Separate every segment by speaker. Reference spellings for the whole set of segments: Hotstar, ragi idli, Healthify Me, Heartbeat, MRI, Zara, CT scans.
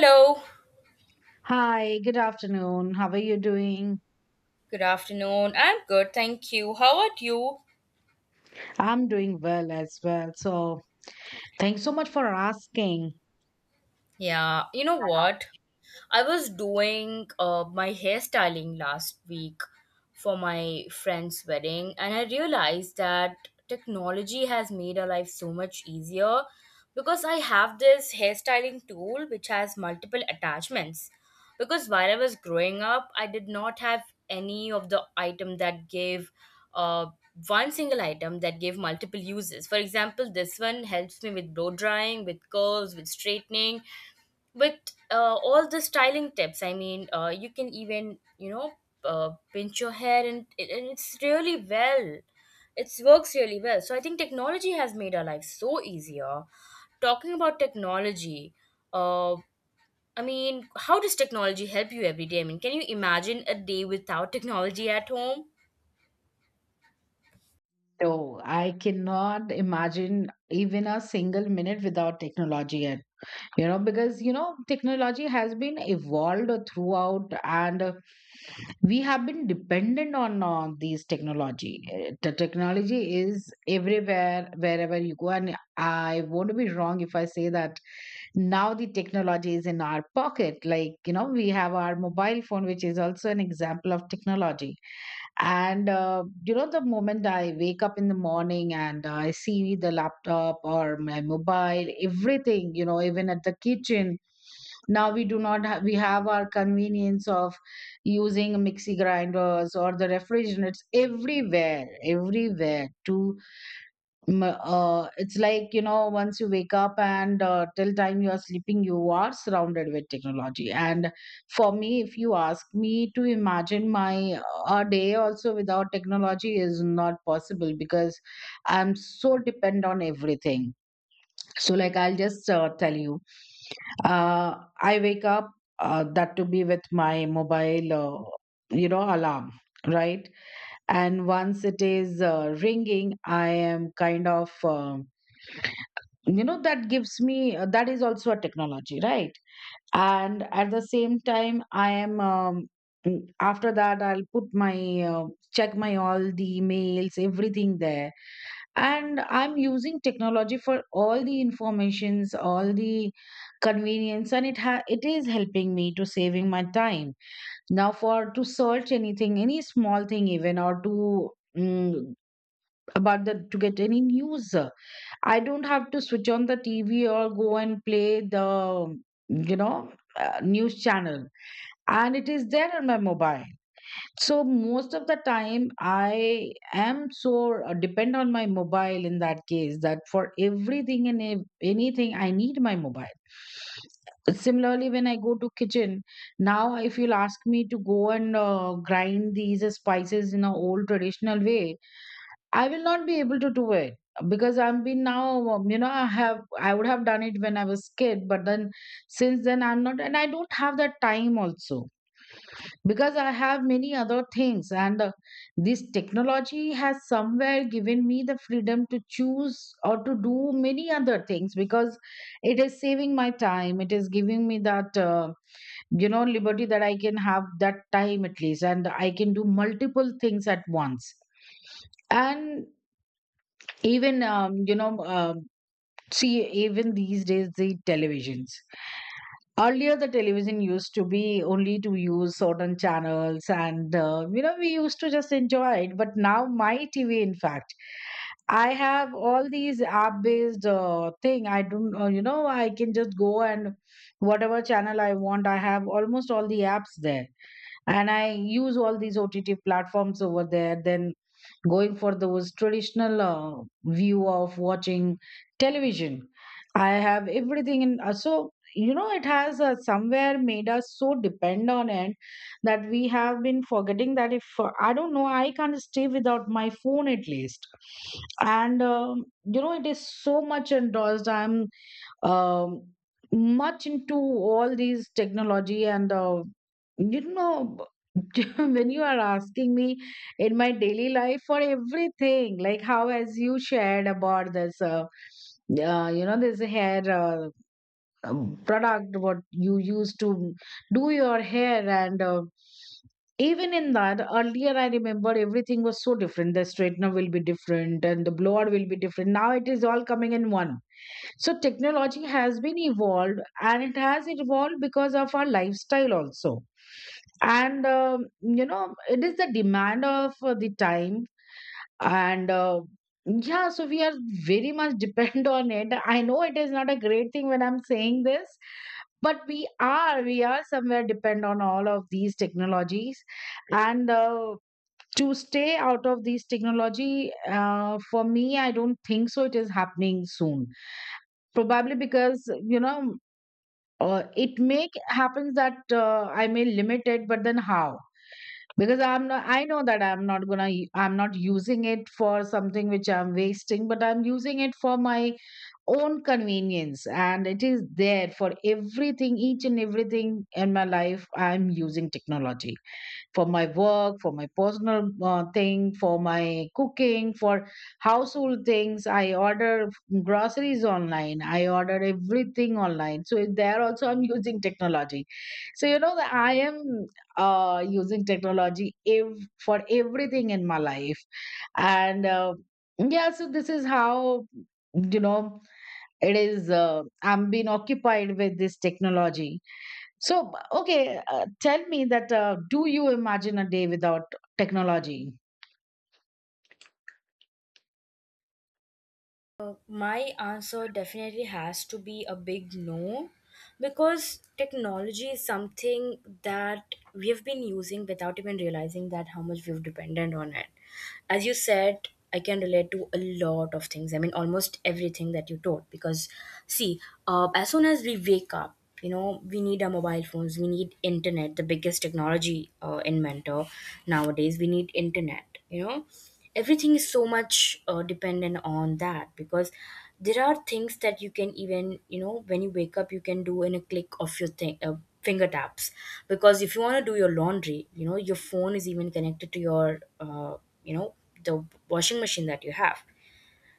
Speaker 1: Hello,
Speaker 2: Hi, good afternoon. How are you doing?
Speaker 1: good afternoon. I'm good, thank you. How about you?
Speaker 2: I'm doing well as well. So, thanks so much for asking.
Speaker 1: Yeah, you know what? I was doing my hairstyling last week for my friend's wedding, and I realized that technology has made our life so much easier because I have this hairstyling tool which has multiple attachments. Because while I was growing up, I did not have any of the item that gave uh, one single item that gave multiple uses. For example, this one helps me with blow drying, with curls, with straightening with all the styling tips. I mean, you can even, you know, pinch your hair, and it's really well, it works really well. So I think technology has made our life so easier. Talking about technology, uh, I mean, how does technology help you every day? I mean, can you imagine a day without technology at home?
Speaker 2: Though I cannot imagine even a single minute without technology yet, you know, because, you know, technology has been evolved throughout, and we have been dependent on these technology. The technology is everywhere wherever you go, and I won't be wrong if I say that now the technology is in our pocket, like you know, we have our mobile phone, which is also an example of technology. And you know, the moment I wake up in the morning and I see the laptop or my mobile, everything, you know, even at the kitchen. Now we do not have, we have our convenience of using mixie grinders or the refrigerators, everywhere, everywhere, to it's like, you know, once you wake up and till time you are sleeping, you are surrounded with technology. And for me, if you ask me to imagine my a day also without technology is not possible, because I'm so depend on everything. So like, I'll just tell you. uh, I wake up, that to be with my mobile, you know, alarm, right? And once it is ringing, I am kind of you know, that gives me, that is also a technology, right? And at the same time, I am after that, I'll put my check my all the emails, everything there. And I'm using technology for all the informations, all the convenience, and it is helping me to saving my time. Now for to search anything, any small thing even, or to mm, about the to get any news, I don't have to switch on the TV or go and play the, you know, news channel. And it is there on my mobile. So most of the time, I am so depend on my mobile, in that case, that for everything and anything, I need my mobile. Similarly, when I go to kitchen, now if you'll ask me to go and grind these spices in a old traditional way, I will not be able to do it, because I'm been now, you know, I have, I would have done it when I was kid, but then since then I'm not, and I don't have that time also, because I have many other things. And this technology has somewhere given me the freedom to choose or to do many other things, because it is saving my time. It is giving me that, you know, liberty that I can have that time at least, and I can do multiple things at once. And even, um, you know, um see, even these days, the televisions. Earlier, the television used to be only to use certain channels, and, you know, we used to just enjoy it. But now, my TV, in fact, I have all these app-based thing. I don't, you know, I can just go and whatever channel I want, I have almost all the apps there. And I use all these OTT platforms over there, then going for those traditional view of watching television, I have everything in so you know, it has somewhere made us so depend on it, that we have been forgetting that, if I don't know, I can't stay without my phone at least. And you know, it is so much endorsed, I'm um, much into all these technology. And you know, when you are asking me in my daily life for everything, like how, as you shared about this you know, this hair product, what you use to do your hair. And even in that, earlier I remember everything was so different, the straightener will be different and the blower will be different, now it is all coming in one. So technology has been evolved, and it has evolved because of our lifestyle also. And, you know, it is the demand of the time. And yeah, so we are very much depend on it. I know it is not a great thing when I'm saying this, but we are somewhere depend on all of these technologies. And to stay out of these technology, for me, I don't think so. It is happening soon, probably. Because you know, it may happens that I may limit it, but then how? Because I'm not, I know that I'm not using it for something which I'm wasting, but I'm using it for my own convenience. And it is there for everything, each and everything in my life, I'm using technology for my work, for my personal thing, for my cooking, for household things. I order groceries online. I order everything online. So there also I'm using technology. So you know that I am using technology for everything in my life. And yeah, so this is how, you know, it is. I'm being occupied with this technology. So, okay, tell me that, do you imagine a day without technology?
Speaker 1: My answer definitely has to be a big no, because technology is something that we have been using without even realizing that how much we've dependent on it. As you said, I can relate to a lot of things. I mean, almost everything that you told. Because, see, as soon as we wake up, you know, we need our mobile phones, we need internet, the biggest technology inventor nowadays. We need internet, you know, everything is so much dependent on that, because there are things that you can even, you know, when you wake up, you can do in a click of your thing, finger taps. Because if you want to do your laundry, you know, your phone is even connected to your you know, the washing machine that you have.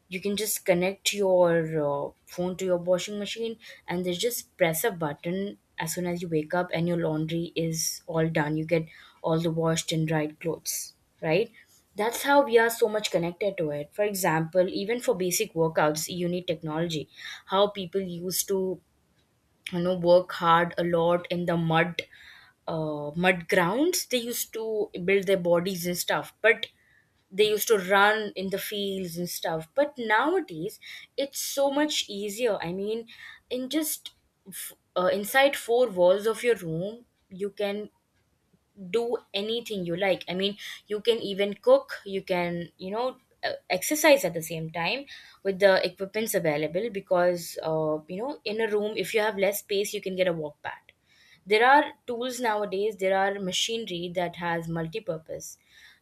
Speaker 1: You can just connect your phone to your washing machine and then just press a button as soon as you wake up and your laundry is all done. You get all the washed and dried clothes, right? That's how we are so much connected to it. For example, even for basic workouts, you need technology. How people used to, you know, work hard a lot in the mud, mud grounds, they used to build their bodies and stuff, but they used to run in the fields and stuff. But nowadays it's so much easier. I mean, in just inside four walls of your room, you can do anything you like. I mean, you can even cook, you can, you know, exercise at the same time with the equipments available. Because you know, in a room if you have less space, you can get a walk pad. There are tools nowadays, there are machinery that has multi-purpose,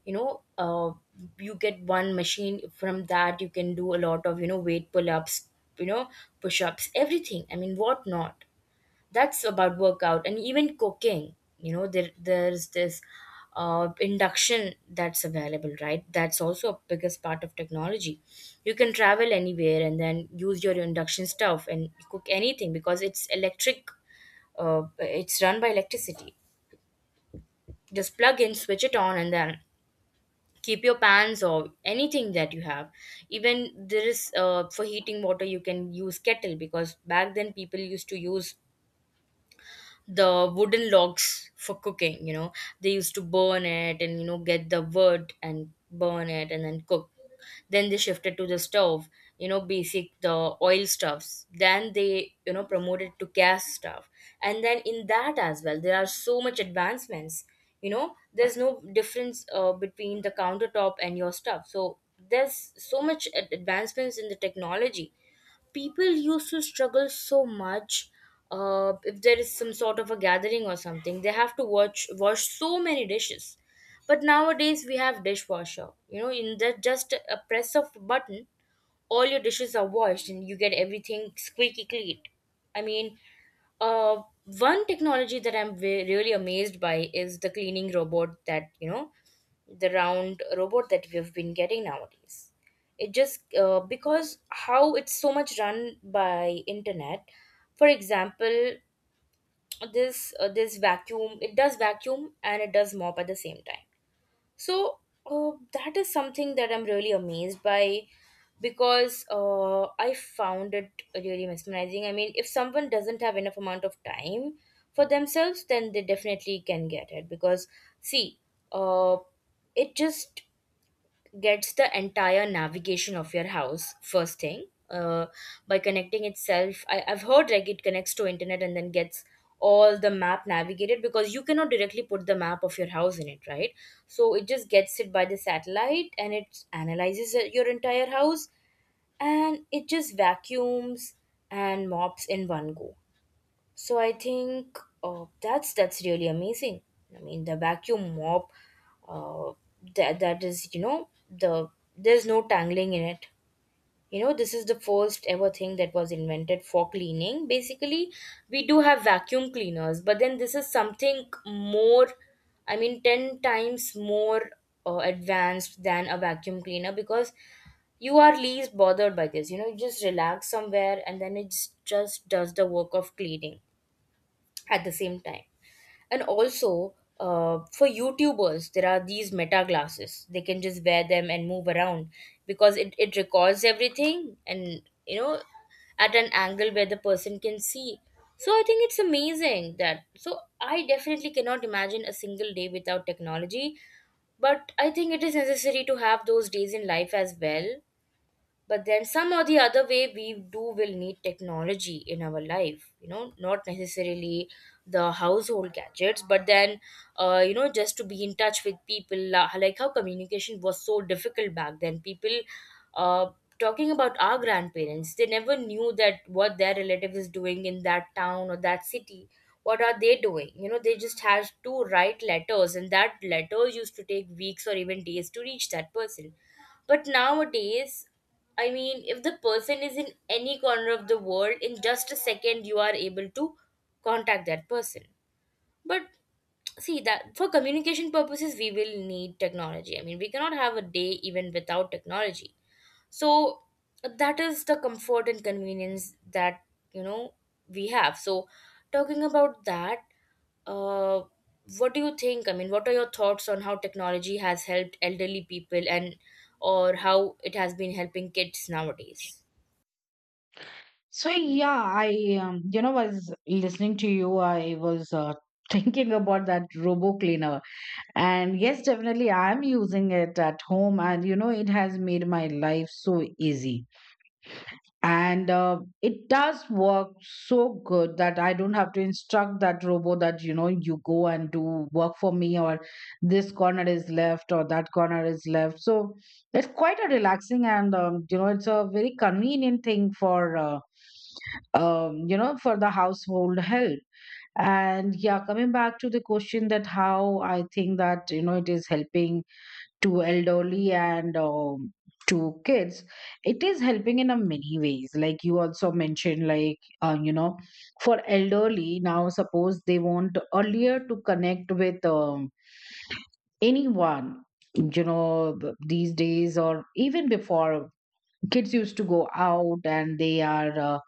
Speaker 1: you know. You get one machine, from that you can do a lot of, you know, weight pull-ups, you know, push-ups, everything. I mean, what not. That's about workout. And even cooking, you know, there's this induction that's available, right? That's also a biggest part of technology. You can travel anywhere and then use your induction stuff and cook anything, because it's electric. It's run by electricity. Just plug in, switch it on, and then keep your pans or anything that you have. Even there is, for heating water, you can use kettle. Because back then people used to use the wooden logs for cooking, you know. They used to burn it, and, you know, get the wood and burn it and then cook. Then they shifted to the stove, you know, basic the oil stuffs. Then they, you know, promoted to gas stuff. And then in that as well, there are so much advancements. You know, there's no difference between the countertop and your stuff. So there's so much advancements in the technology. People used to struggle so much. If there is some sort of a gathering or something, they have to watch wash so many dishes. But nowadays we have dishwasher, you know, in that just a press of a button, all your dishes are washed and you get everything squeaky clean. I mean, uh, one technology that really amazed by is the cleaning robot, that, you know, the round robot that we have been getting nowadays. It just, because how it's so much run by internet. For example, this vacuum, it does vacuum and it does mop at the same time. So that is something that I'm really amazed by, because I found it really mesmerizing. I mean, if someone doesn't have enough amount of time for themselves, then they definitely can get it. Because, see, uh, it just gets the entire navigation of your house first thing, by connecting itself. I've heard like it connects to internet and then gets all the map navigated, because you cannot directly put the map of your house in it, right? So it just gets it by the satellite and it analyzes your entire house, and it just vacuums and mops in one go. So I think that's really amazing. I mean, the vacuum mop, uh, that is, you know, the there's no tangling in it. You know, this is the first ever thing that was invented for cleaning. Basically, we do have vacuum cleaners, but then this is something more. I mean, ten times more advanced than a vacuum cleaner, because you are least bothered by this. You know, you just relax somewhere and then it just does the work of cleaning at the same time. And also, for youtubers, there are these meta glasses. They can just wear them and move around, because it records everything, and, you know, at an angle where the person can see. So I think it's amazing. That so I definitely cannot imagine a single day without technology, but I think it is necessary to have those days in life as well. But then some or the other way we do will need technology in our life, you know, not necessarily the household gadgets, but then, you know, just to be in touch with people. Like how communication was so difficult back then, people, uh, talking about our grandparents, they never knew that what their relative is doing in that town or that city, what are they doing. You know, they just had to write letters, and that letters used to take weeks or even days to reach that person. But nowadays, I mean, if the person is in any corner of the world, in just a second you are able to contact that person. But see that for communication purposes we will need technology. I mean, we cannot have a day even without technology. So that is the comfort and convenience that, you know, we have. So talking about that, uh, what do you think? I mean, what are your thoughts on how technology has helped elderly people, and or how it has been helping kids nowadays?
Speaker 2: So, yeah, I, you know, was listening to you. I was thinking about that robo cleaner. And yes, definitely, I'm using it at home. And, you know, it has made my life so easy. And it does work so good, that I don't have to instruct that robot that, you know, you go and do work for me, or this corner is left or that corner is left. So it's quite a relaxing and you know, it's a very convenient thing for you know, for the household help. And yeah, coming back to the question, that how I think that, you know, it is helping to elderly and to kids. It is helping in a many ways, like you also mentioned, like you know, for elderly. Now suppose they want earlier to connect with anyone. You know, these days or even before, kids used to go out and they are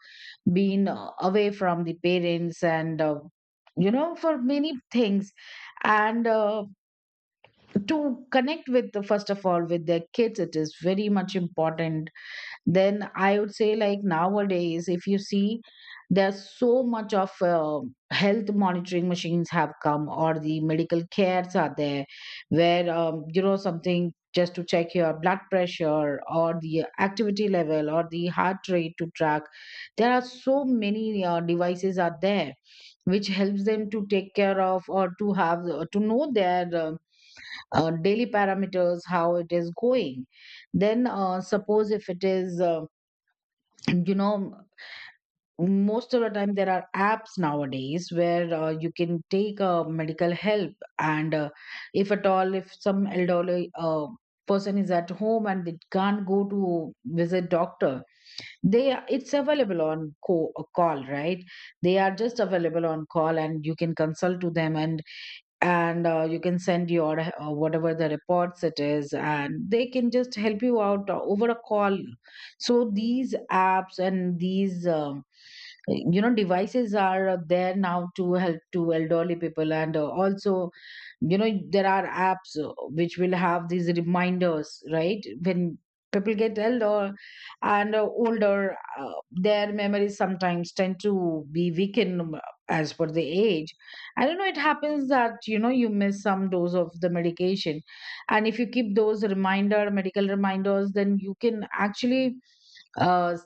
Speaker 2: being away from the parents, and you know, for many things. And to connect with, the first of all, with their kids, it is very much important. Then I would say, like, nowadays if you see, there's so much of health monitoring machines have come, or the medical cares are there, where you know, something just to check your blood pressure, or the activity level, or the heart rate to track, there are so many devices are there, which helps them to take care of, or to have to know their daily parameters, how it is going. Then suppose if it is you know, most of the time there are apps nowadays where you can take medical help. And if at all, if some elderly person is at home and they can't go to visit doctor, it's available on a call, right? They are just available on call, and you can consult to them. And you can send your whatever the reports it is, and they can just help you out over a call. So these apps and these you know, devices are there now to help to elderly people. And also, you know, there are apps which will have these reminders, right? When people get elder and older, their memories sometimes tend to be weakened, as per the age. I don't know, it happens that, you know, you miss some dose of the medication. And if you keep those reminder, medical reminders, then you can actually uh,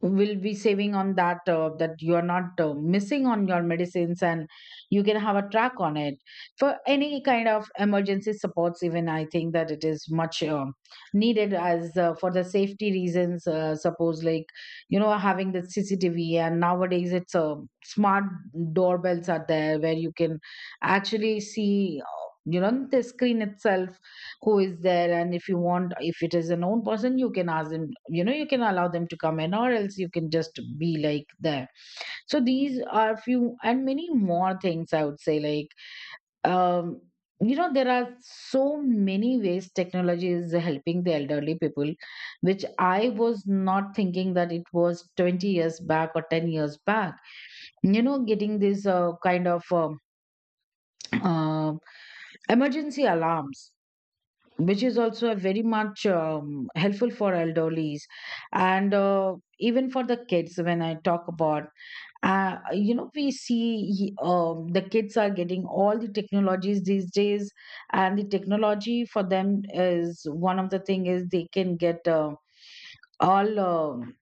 Speaker 2: will be saving on that, that you are not missing on your medicines, and you can have a track on it for any kind of emergency supports. Even I think that it is much needed as, for the safety reasons. Suppose, like, having the CCTV, and nowadays it's smart doorbells are there where you can actually see, the screen itself, who is there. And if you want, if it is a known person, you can ask them, you can allow them to come in, or else you can just be like there. So these are few and many more things, I would say, like, um there are so many ways technology is helping the elderly people, which I was not thinking that it was 20 years back or 10 years back. You know, getting this kind of uh, emergency alarms, which is also a very much helpful for elderlies. And even for the kids, when I talk about, we see, the kids are getting all the technologies these days. And the technology for them is one of the thing is they can get all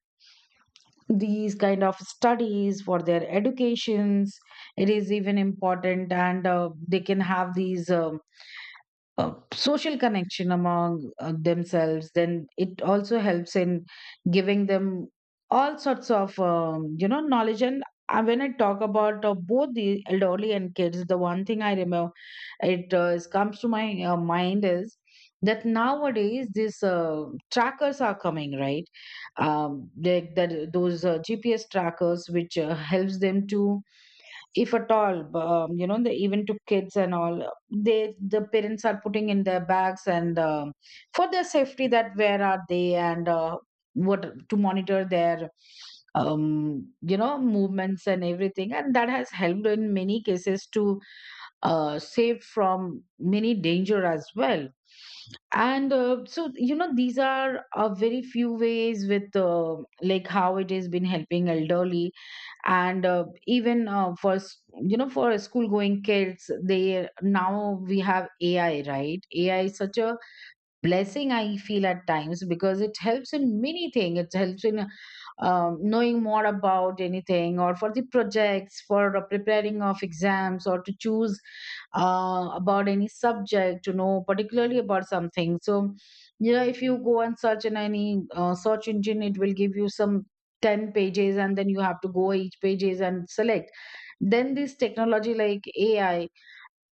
Speaker 2: these kind of studies for their educations. It is even important, and they can have these social connection among themselves. Then it also helps in giving them all sorts of, knowledge. And when I talk about both the elderly and kids, the one thing I remember comes to my mind is that nowadays these trackers are coming, right? That those GPS trackers, which helps them to, if at all the, even to kids and all, they, the parents are putting in their bags, and for their safety, that where are they, and what to monitor their, movements and everything. And that has helped in many cases to save from many danger as well. And so, you know, these are a very few ways, with, like, how it has been helping elderly. And even for you know, for school going kids, they, now we have AI, right? AI is such a blessing, I feel at times, because it helps in many things. It helps in, knowing more about anything, or for the projects, for preparing of exams, or to choose about any subject, to know particularly about something. So, yeah, if you go and search in any search engine, it will give you some 10 pages, and then you have to go each pages and select. Then this technology, like AI,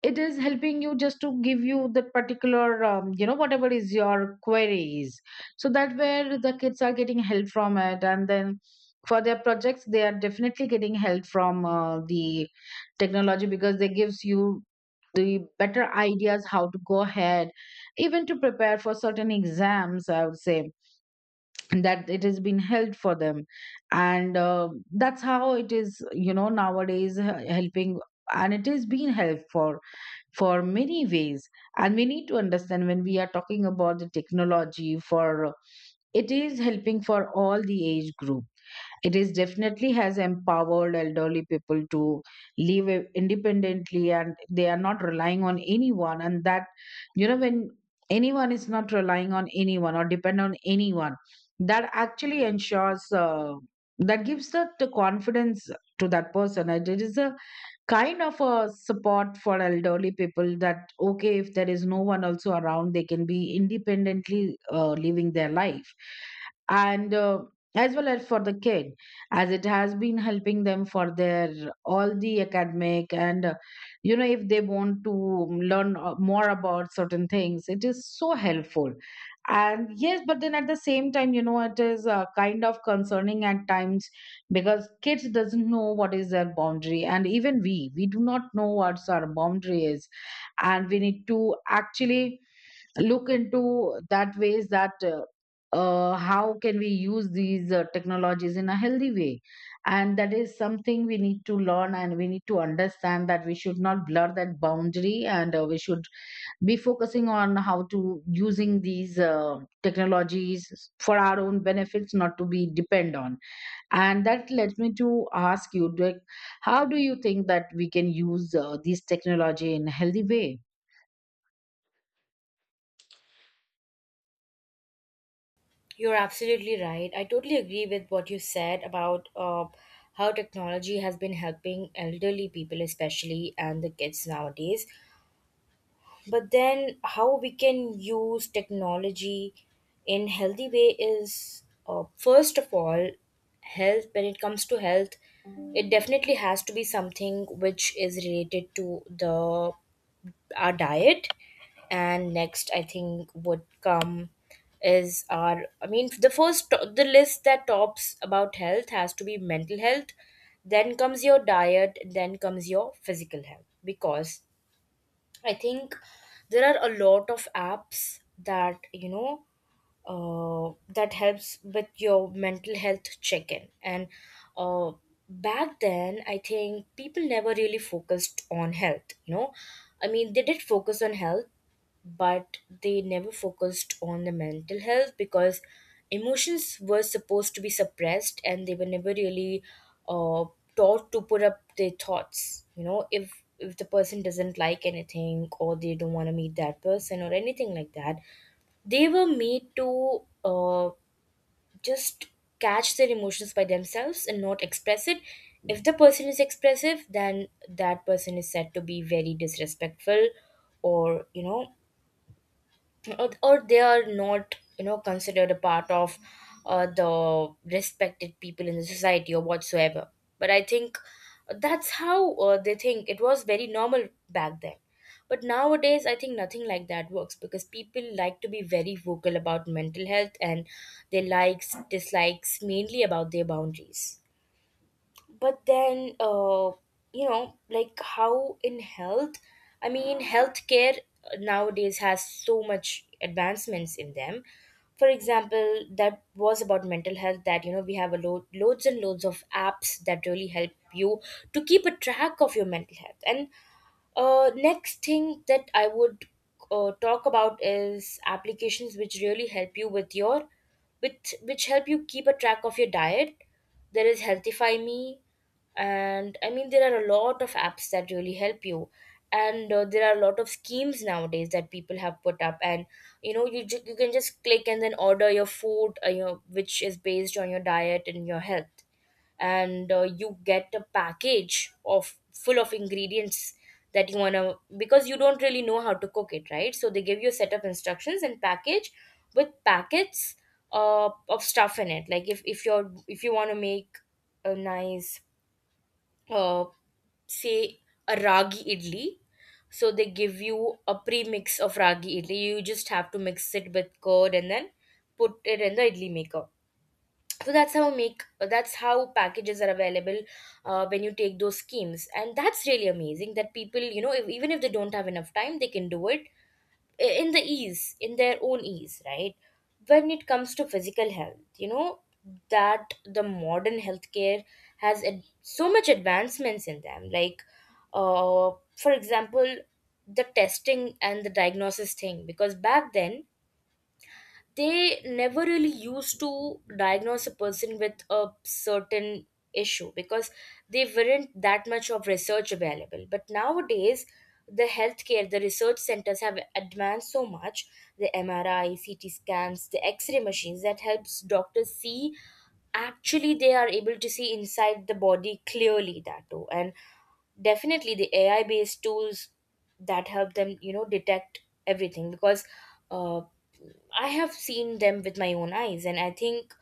Speaker 2: it is helping you just to give you the particular, whatever is your queries. So that where the kids are getting help from it. And then for their projects, they are definitely getting help from the technology, because they gives you the better ideas how to go ahead. Even to prepare for certain exams, I would say that it has been helped for them. And that's how it is, you know, nowadays helping. And it is being helped for many ways. And we need to understand, when we are talking about the technology, for, it is helping for all the age group. It is definitely has empowered elderly people to live independently, and they are not relying on anyone. And that, you know, when anyone is not relying on anyone or depend on anyone, that actually ensures, that gives the confidence to that person. And it is a kind of a support for elderly people, that okay, if there is no one also around, they can be independently living their life. And as well as for the kid, as it has been helping them for their all the academic. And you know, if they want to learn more about certain things, it is so helpful. And yes, but then at the same time, you know, it is kind of concerning at times, because kids doesn't know what is their boundary, and even we do not know what our boundary is. And we need to actually look into that ways, that how can we use these technologies in a healthy way. And that is something we need to learn, and we need to understand that we should not blur that boundary. And we should be focusing on how to using these technologies for our own benefits, not to be depend on. And that led me to ask you, like, how do you think that we can use this technology in a healthy way?
Speaker 1: You're absolutely right. I totally agree with what you said about how technology has been helping elderly people, especially, and the kids nowadays. But then how we can use technology in healthy way is, first of all, health. When it comes to health, it definitely has to be something which is related to the our diet. And next, I think would come is our, I mean, the first the list that tops about health has to be mental health. Then comes your diet, then comes your physical health. Because I think there are a lot of apps that, you know, that helps with your mental health check-in. And uh, back then, I think people never really focused on health, you know. I mean, they did focus on health, but they never focused on the mental health, because emotions were supposed to be suppressed, and they were never really uh, taught to put up their thoughts. You know, if the person doesn't like anything, or they don't want to meet that person or anything like that, they were made to just catch their emotions by themselves and not express it. If the person is expressive, then that person is said to be very disrespectful, or, you know, or they are not, you know, considered a part of the respected people in the society or whatsoever. But I think that's how, they think it was very normal back then. But nowadays I think nothing like that works, because people like to be very vocal about mental health and their likes dislikes, mainly about their boundaries. But then, you know, like how in health, I mean, healthcare nowadays has so much advancements in them. For example, that was about mental health. That, you know, we have a load loads and loads of apps that really help you to keep a track of your mental health. And next thing that I would talk about is Applications which really help you with your with which help you keep a track of your diet. There is Healthify Me, and I mean there are a lot of apps that really help you, and there are a lot of schemes nowadays that people have put up, and you can just click and then order your food, which is based on your diet and your health. And you get a package of full of ingredients that you want to, because you don't really know how to cook it right, so they give you a set of instructions and package with packets of stuff in it. Like if you want to make a nice uh, say a ragi idli, so they give you a pre-mix of ragi idli. You just have to mix it with curd and then put it in the idli maker. So that's how packages are available when you take those schemes. And that's really amazing, that people, you know, if, even if they don't have enough time, they can do it in the ease, in their own ease, right? When it comes to physical health, you know, that the modern healthcare has so much advancements in them, like uh, for example the testing and the diagnosis thing, because back then they never really used to diagnose a person with a certain issue, because they weren't that much of research available. But nowadays the healthcare, the research centers, have advanced so much. The MRI, CT scans, the X-ray machines that helps doctors see, actually they are able to see inside the body clearly, that too. And definitely the AI based tools that help them, you know, detect everything. Because uh, I have seen them with my own eyes. And I think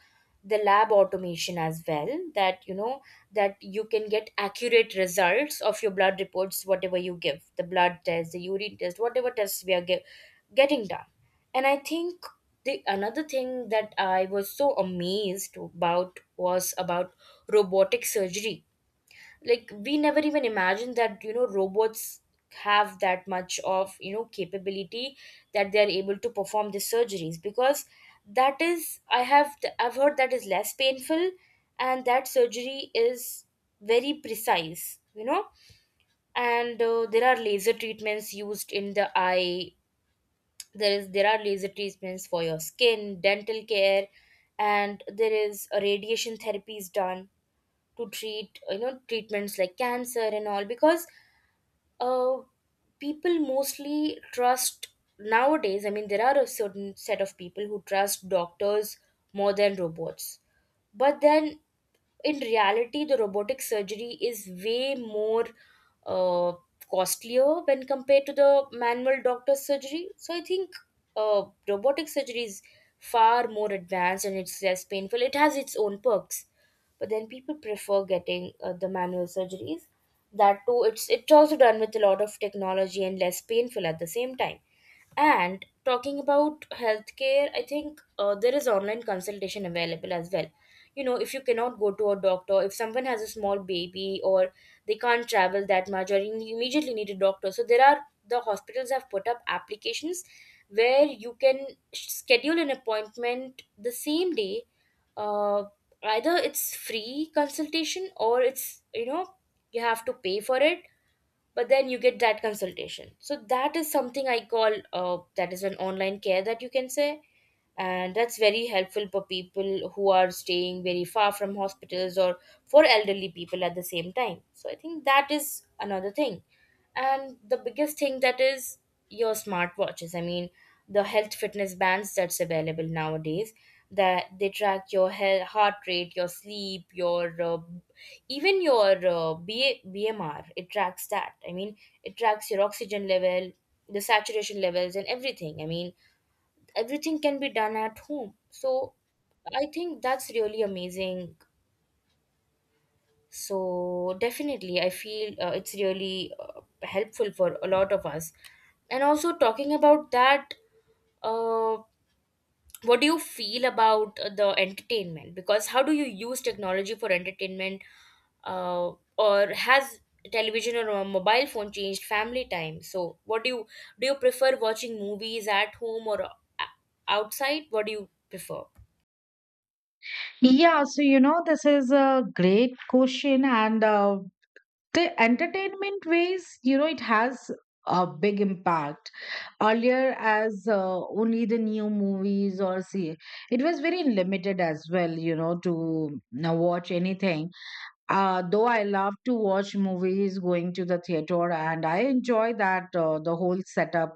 Speaker 1: the lab automation as well, that, you know, that you can get accurate results of your blood reports, whatever, you give the blood test, the urine test, whatever tests we are getting done. And I think the another thing that I was so amazed about was about robotic surgery. Like, we never even imagined that, you know, robots have that much of, you know, capability, that they are able to perform the surgeries. Because that is, I've heard, that is less painful, and that surgery is very precise, you know. And there are laser treatments used in the eye, there are laser treatments for your skin, dental care, and there is a radiation therapy is done to treat, you know, treatments like cancer and all. Because uh, people mostly trust nowadays, I mean, there are a certain set of people who trust doctors more than robots. But then in reality, the robotic surgery is way more uh, costlier when compared to the manual doctor surgery. So I think robotic surgery is far more advanced and it's less painful, it has its own perks. But then people prefer getting the manual surgeries, that too it's also done with a lot of technology and less painful at the same time. And talking about healthcare, I think there is online consultation available as well. You know, if you cannot go to a doctor, if someone has a small baby or they can't travel that much, or you immediately need a doctor, so there are, the hospitals have put up applications where you can schedule an appointment the same day. uh, Either it's free consultation or it's, you know, you have to pay for it, but then you get that consultation. So that is something I call, that is an online care, that you can say. And that's very helpful for people who are staying very far from hospitals, or for elderly people at the same time. So I think that is another thing. And the biggest thing that is your smartwatches, I mean the health fitness bands that's available nowadays, that they track your health, heart rate, your sleep, your even your BMR, it tracks that, I mean it tracks your oxygen level, the saturation levels and everything. I mean everything can be done at home, so I think that's really amazing. So definitely I feel it's really helpful for a lot of us. And also talking about that, uh, what do you feel about the entertainment? Because how do you use technology for entertainment? uh, or has television or a mobile phone changed family time? So what do you, do you prefer watching movies at home or outside? What do you prefer?
Speaker 2: Yeah, so you know, this is a great question. And the entertainment ways, you know, it has a big impact. Earlier, as only the new movies, or see, it was very limited as well, you know, to watch anything. Though I love to watch movies going to the theater and I enjoy that, the whole setup.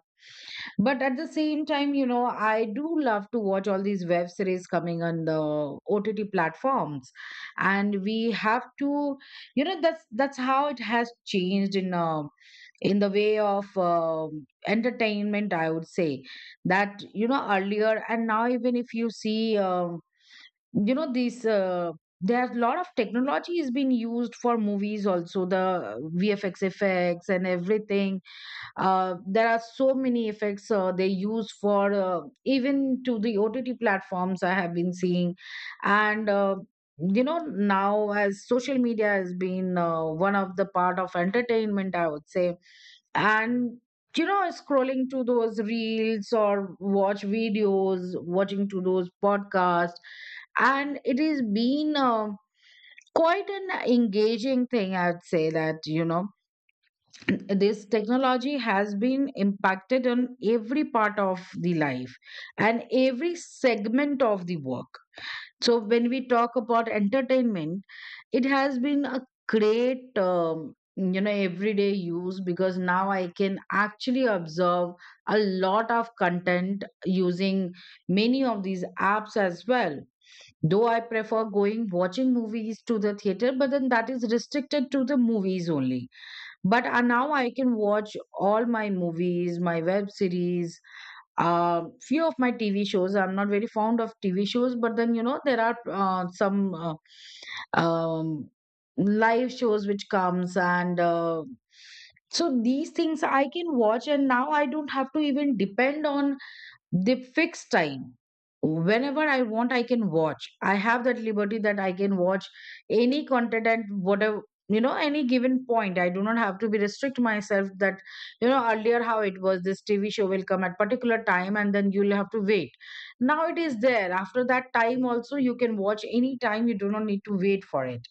Speaker 2: But at the same time, you know, I do love to watch all these web series coming on the OTT platforms. And we have to, you know, that's how it has changed in the way of entertainment, I would say, that, you know, earlier and now. Even if you see, these there's a lot of technology is being used for movies, also the VFX effects and everything. There are so many effects they use for even to the OTT platforms, I have been seeing. And you know, now as social media has been one of the part of entertainment, I would say. And you know, scrolling to those reels, or watch videos, watching to those podcasts. And it has been quite an engaging thing, I'd say, that you know, this technology has been impacted on every part of the life and every segment of the work. So when we talk about entertainment, it has been a great, you know, everyday use, because now I can actually observe a lot of content using many of these apps as well. Though I prefer going watching movies to the theater, but then that is restricted to the movies only. But now I can watch all my movies, my web series, few of my TV shows. I'm not very fond of TV shows, but then you know there are some um, live shows which comes. And so these things I can watch, and now I don't have to even depend on they fix time. Whenever I want, I can watch. I have that liberty that I can watch any content at whatever, you know, any given point. I do not have to be restrict myself, that, you know, earlier how it was, this TV show will come at particular time and then you'll have to wait. Now it is there after that time also, you can watch any time, you do not need to wait for it.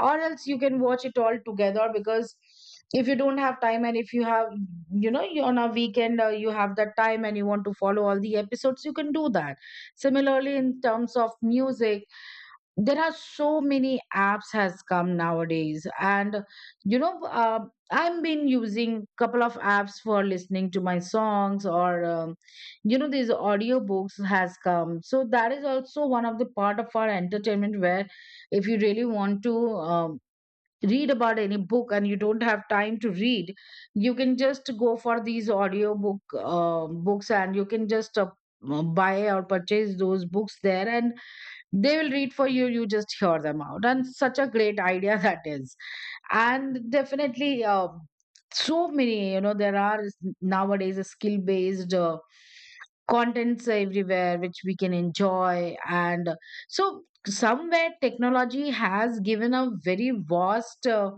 Speaker 2: Or else you can watch it all together, because if you don't have time, and if you have, you know, you on a weekend, you have that time and you want to follow all the episodes, you can do that. Similarly, in terms of music, there are so many apps has come nowadays. And you know, I've been using couple of apps for listening to my songs, or, you know, these audiobooks has come. So that is also one of the part of our entertainment, where if you really want to, um, read about any book and you don't have time to read, you can just go for these audio books, and you can just buy or purchase those books there, and they will read for you. You just hear them out, and such a great idea that is. And definitely, so many, you know, there are nowadays skill based contents everywhere which we can enjoy. And so somewhere technology has given a very vast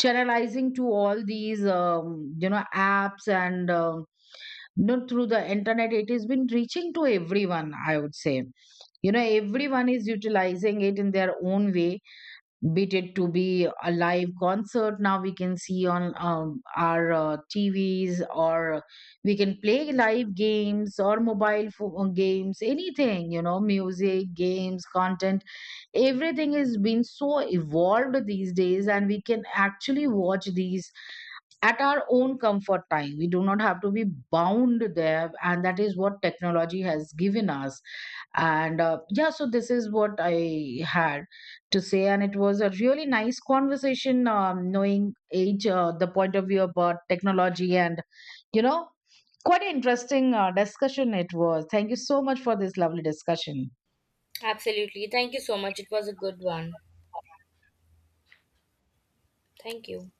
Speaker 2: channelizing to all these, you know, apps. And not through the internet, it has been reaching to everyone, I would say. You know, everyone is utilizing it in their own way. Be it to be a live concert, now we can see on, our TVs, or we can play live games, or mobile games, anything, you know, music, games, content. Everything has been so evolved these days, and we can actually watch these at our own comfort time. We do not have to be bound there, and that is what technology has given us. And yeah, so this is what I had to say. And it was a really nice conversation, knowing age, the point of view about technology. And you know, quite an interesting discussion it was. Thank you so much for this lovely discussion.
Speaker 1: Absolutely. Thank you so much. It was a good one. Thank you.